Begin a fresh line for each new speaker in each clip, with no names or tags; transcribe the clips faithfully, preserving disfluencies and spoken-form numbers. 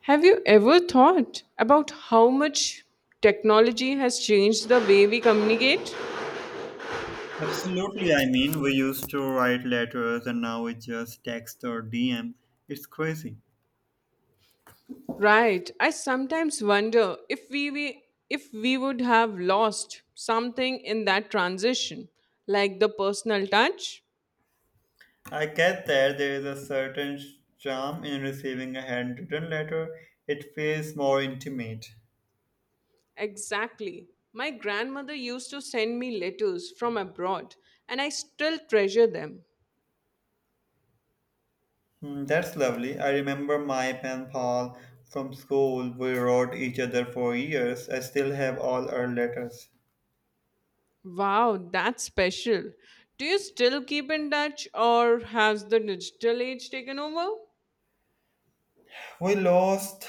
Have you ever thought about how much technology has changed the way we communicate?
Absolutely. I mean, we used to write letters and now it's just text or D M. It's crazy.
Right. I sometimes wonder if we, we if we would have lost something in that transition, like the personal touch.
I get that there is a certain charm in receiving a handwritten letter, it feels more intimate.
Exactly. My grandmother used to send me letters from abroad, and I still treasure them.
Hmm, that's lovely. I remember my pen pal from school. We wrote each other for years. I still have all our letters.
Wow, that's special. Do you still keep in touch, or has the digital age taken over?
We lost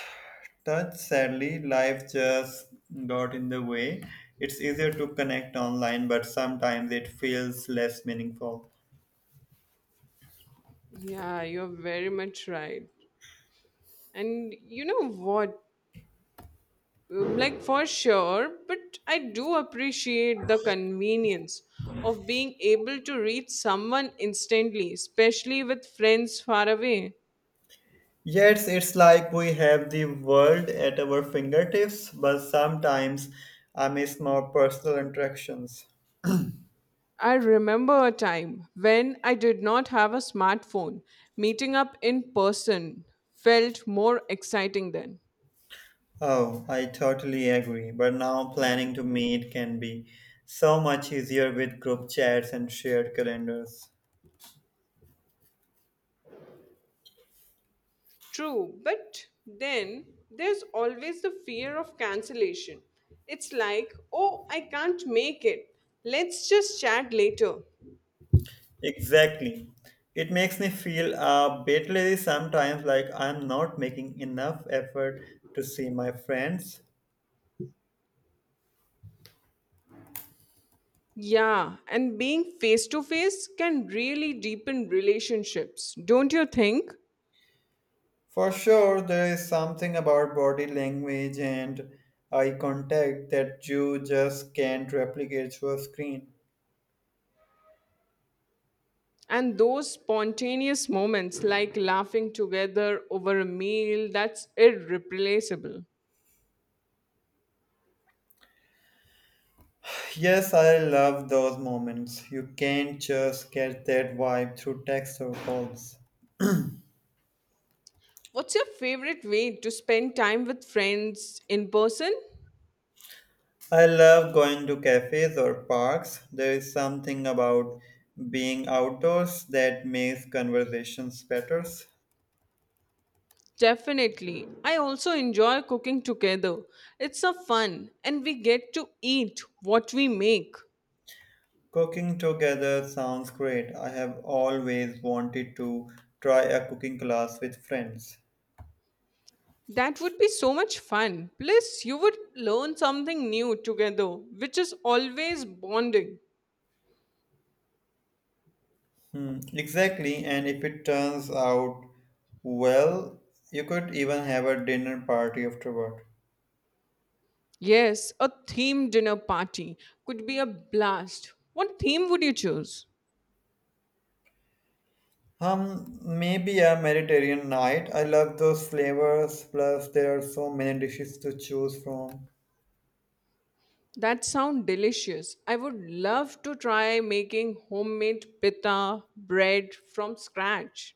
touch sadly. Life just got in the way. It's easier to connect online, but sometimes it feels less meaningful.
Yeah, you're very much right. And you know what? Mm, Like, for sure, but I do appreciate the convenience of being able to reach someone instantly, especially with friends far away.
Yes, it's like we have the world at our fingertips, but sometimes I miss more personal interactions.
I remember a time when I did not have a smartphone. Meeting up in person felt more exciting then.
Oh, I totally agree. But now planning to meet can be so much easier with group chats and shared calendars.
True, but then there's always the fear of cancellation. It's like, oh, I can't make it. Let's just chat later.
Exactly. It makes me feel a bit lazy sometimes, like I'm not making enough effort to see my friends.
Yeah, and being face to face can really deepen relationships, don't you think?
For sure, there is something about body language and eye contact that you just can't replicate through a screen.
And those spontaneous moments like laughing together over a meal, that's irreplaceable.
Yes, I love those moments. You can't just get that vibe through text or calls.
What's your favorite way to spend time with friends in person?
I love going to cafes or parks. There is something about being outdoors that makes conversations better.
Definitely. I also enjoy cooking together. It's a fun and we get to eat what we make.
Cooking together sounds great. I have always wanted to try a cooking class with friends.
That would be so much fun. Plus, you would learn something new together, which is always bonding.
Hmm, exactly, and if it turns out well, you could even have a dinner party afterward.
Yes, a theme dinner party could be a blast. What theme would you choose?
Um, maybe a Mediterranean night. I love those flavors, plus there are so many dishes to choose from.
That sounds delicious. I would love to try making homemade pita bread from scratch.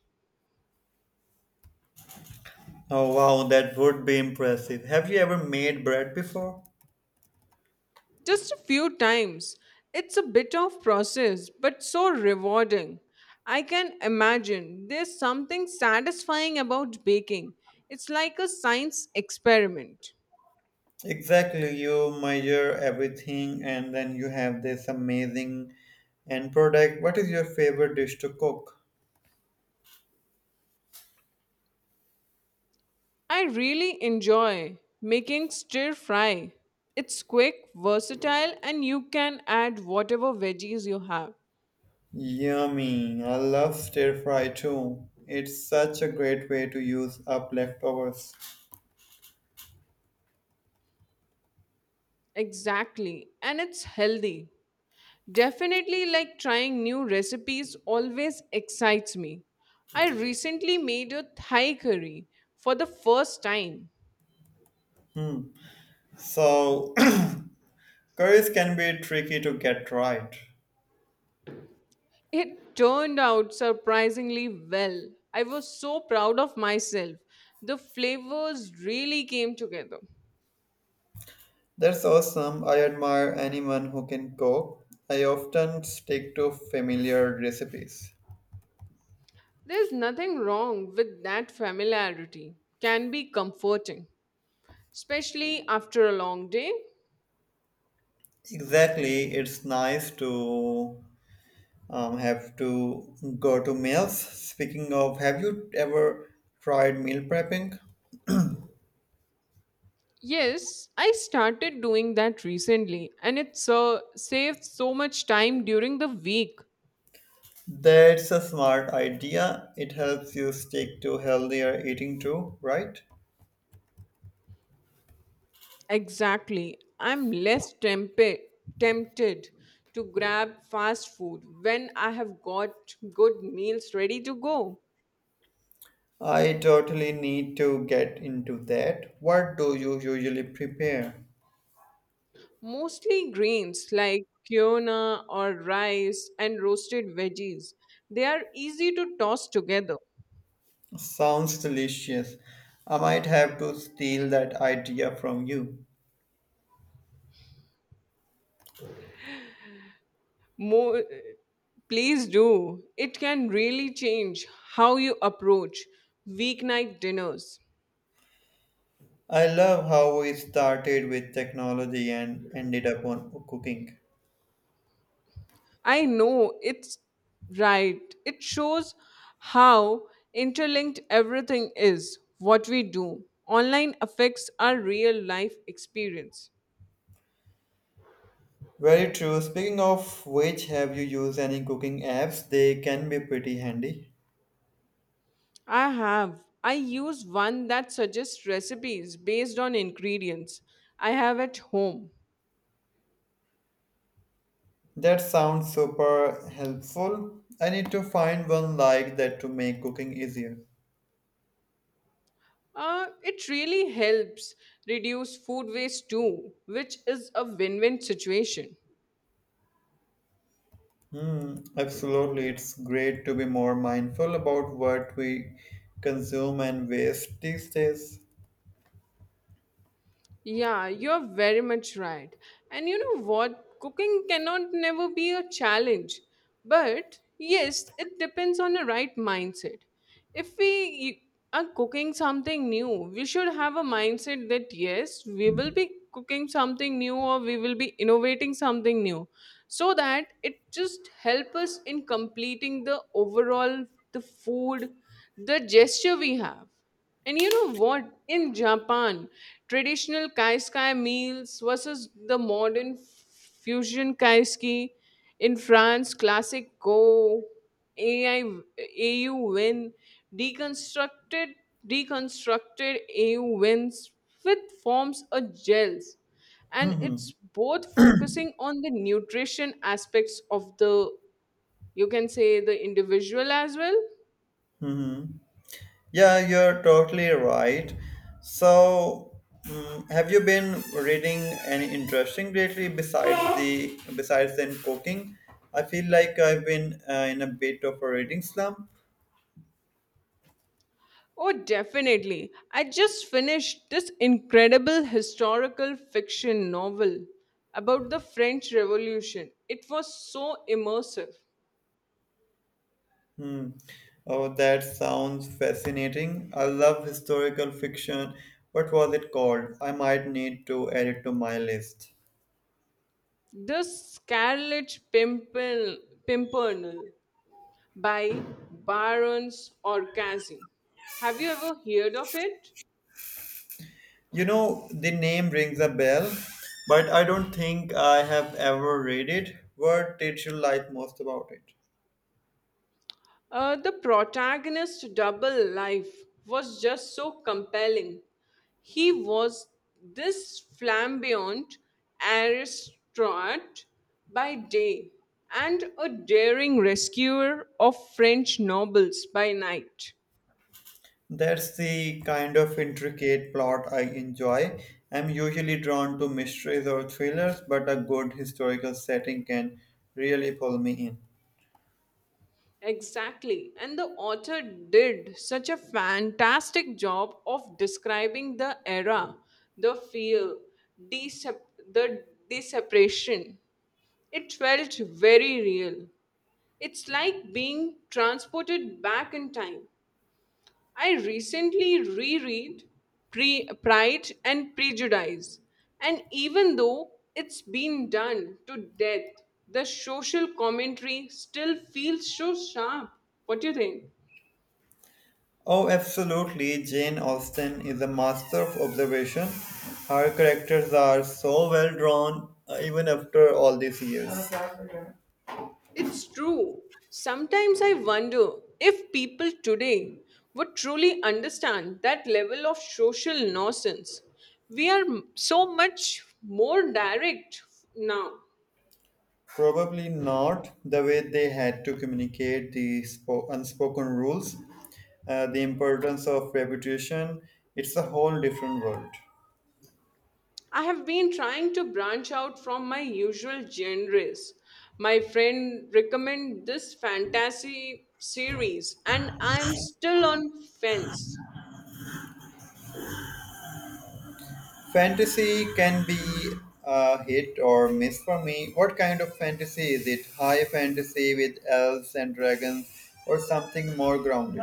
Oh wow, that would be impressive. Have you ever made bread before?
Just a few times. It's a bit of process, but so rewarding. I can imagine there's something satisfying about baking. It's like a science experiment.
Exactly, you measure everything and then you have this amazing end product. What is your favorite dish to cook?
I really enjoy making stir fry. It's quick, versatile, and you can add whatever veggies you have.
Yummy. I love stir fry too. It's such a great way to use up leftovers.
Exactly, and it's healthy. Definitely, like trying new recipes always excites me. I recently made a Thai curry for the first time.
Hmm. So, curries can be tricky to get right.
It turned out surprisingly well. I was so proud of myself. The flavors really came together.
That's awesome. I admire anyone who can cook. I often stick to familiar recipes.
There's nothing wrong with that familiarity, can be comforting, especially after a long day.
Exactly, it's nice to um, have to go to meals. Speaking of, have you ever tried meal prepping?
Yes, I started doing that recently, and it's uh, saved so much time during the week.
That's a smart idea. It helps you stick to healthier eating too, right?
Exactly. I'm less tempe- tempted to grab fast food when I have got good meals ready to go.
I totally need to get into that. What do you usually prepare?
Mostly greens like quinoa or rice and roasted veggies. They are easy to toss together.
Sounds delicious. I might have to steal that idea from you.
More uh, please do. It can really change how you approach weeknight dinners.
I love how we started with technology and ended up on cooking.
I know. It's right. It shows how interlinked everything is. What we do online affects our real life experience.
Very true. Speaking of which, have you used any cooking apps? They can be pretty handy.
I have. I use one that suggests recipes based on ingredients I have at home.
That sounds super helpful. I need to find one like that to make cooking easier.
Uh, it really helps reduce food waste too, which is a win win situation.
Hmm, absolutely. It's great to be more mindful about what we consume and waste these days.
Yeah, you're very much right. And you know what? Cooking cannot never be a challenge. But yes, it depends on the right mindset. If we are cooking something new, we should have a mindset that yes, we will be cooking something new or we will be innovating something new, so that it just help us in completing the overall the food the gesture we have. And you know what? In Japan, traditional kaiskai meals versus the modern fusion kaiseki. In France, classic go AI AU win deconstructed deconstructed AU wins with forms or gels. And it's both focusing on the nutrition aspects of the, you can say, the individual as well.
Hmm. Yeah, you're totally right. So, mm, have you been reading any interesting lately besides the besides than cooking? I feel like I've been uh, in a bit of a reading slump.
Oh, definitely. I just finished this incredible historical fiction novel about the French Revolution. It was so immersive.
Hmm. Oh, that sounds fascinating. I love historical fiction. What was it called? I might need to add it to my list.
The Scarlet Pimpernel, Pimpernel by Barons Orcazi. Have you ever heard of it?
You know, the name rings a bell, but I don't think I have ever read it. What did you like most about it?
Uh, the protagonist's double life was just so compelling. He was this flamboyant aristocrat by day and a daring rescuer of French nobles by night.
That's the kind of intricate plot I enjoy. I'm usually drawn to mysteries or thrillers, but a good historical setting can really pull me in.
Exactly. And the author did such a fantastic job of describing the era, the feel, decep- the desperation. It felt very real. It's like being transported back in time. I recently reread Pre- Pride and Prejudice, and even though it's been done to death, the social commentary still feels so sharp. What do you think?
Oh, absolutely. Jane Austen is a master of observation. Her characters are so well drawn, uh, even after all these years.
It's true. Sometimes I wonder if people today would truly understand that level of social nonsense. We are m- so much more direct now.
Probably not the way they had to communicate the spo- unspoken rules, uh, the importance of reputation. It's a whole different world.
I have been trying to branch out from my usual genres. My friend recommended this fantasy series and I am still on fence.
Fantasy can be a hit or miss for me. What kind of fantasy is it? High fantasy with elves and dragons, or something more grounded?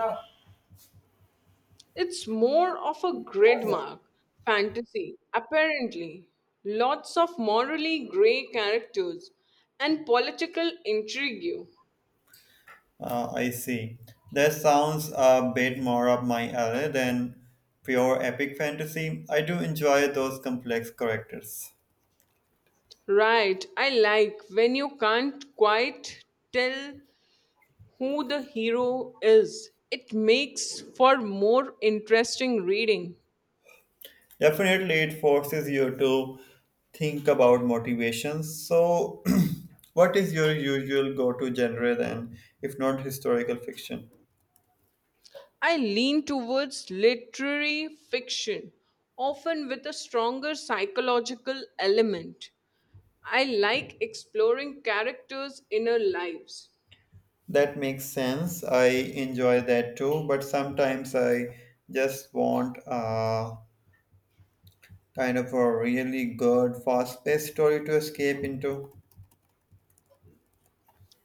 It's more of a grid mark fantasy, apparently. Lots of morally grey characters and political intrigue.
Uh, I see. That sounds a bit more up my alley than pure epic fantasy. I do enjoy those complex characters.
Right, I like when you can't quite tell who the hero is. It makes for more interesting reading.
Definitely, it forces you to think about motivations. So, what is your usual go to genre then, if not historical fiction?
I lean towards literary fiction, often with a stronger psychological element. I like exploring characters' inner lives.
That makes sense. I enjoy that too, but sometimes I just want a kind of a really good, fast-paced story to escape into.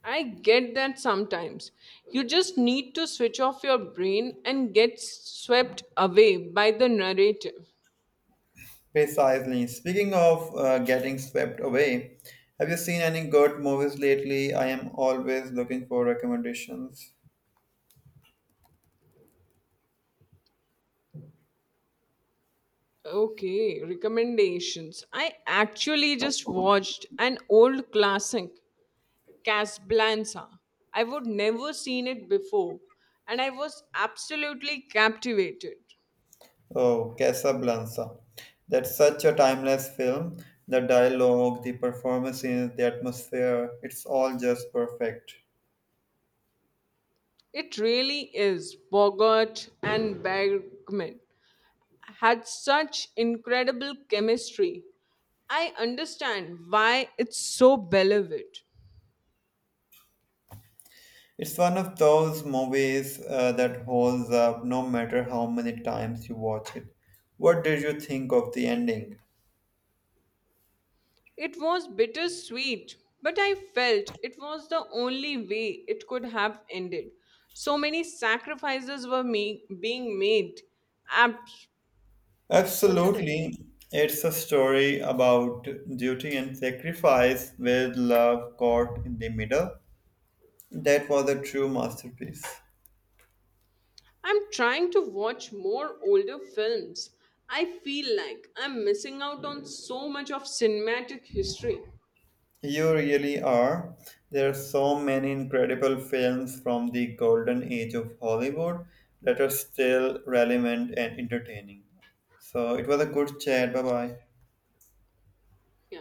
I get that sometimes. You just need to switch off your brain and get swept away by the narrative.
Precisely. Speaking of uh, getting swept away, have you seen any good movies lately? I am always looking for recommendations.
Okay, recommendations. I actually just watched an old classic, Casablanca. I would never seen it before, and I was absolutely captivated.
Oh, Casablanca. That's such a timeless film. The dialogue, the performances, the atmosphere, it's all just perfect.
It really is Bogart and Bergman had such incredible chemistry. I understand why it's so beloved.
It's one of those movies uh, that holds up no matter how many times you watch it. What did you think of the ending?
It was bittersweet, but I felt it was the only way it could have ended. So many sacrifices were me- being made. Ab- what do you think?
Absolutely. It's a story about duty and sacrifice with love caught in the middle. That was a true masterpiece.
I'm trying to watch more older films. I feel like I'm missing out on so much of cinematic history.
You really are. There are so many incredible films from the golden age of Hollywood that are still relevant and entertaining. So it was a good chat. Bye bye.
Yeah.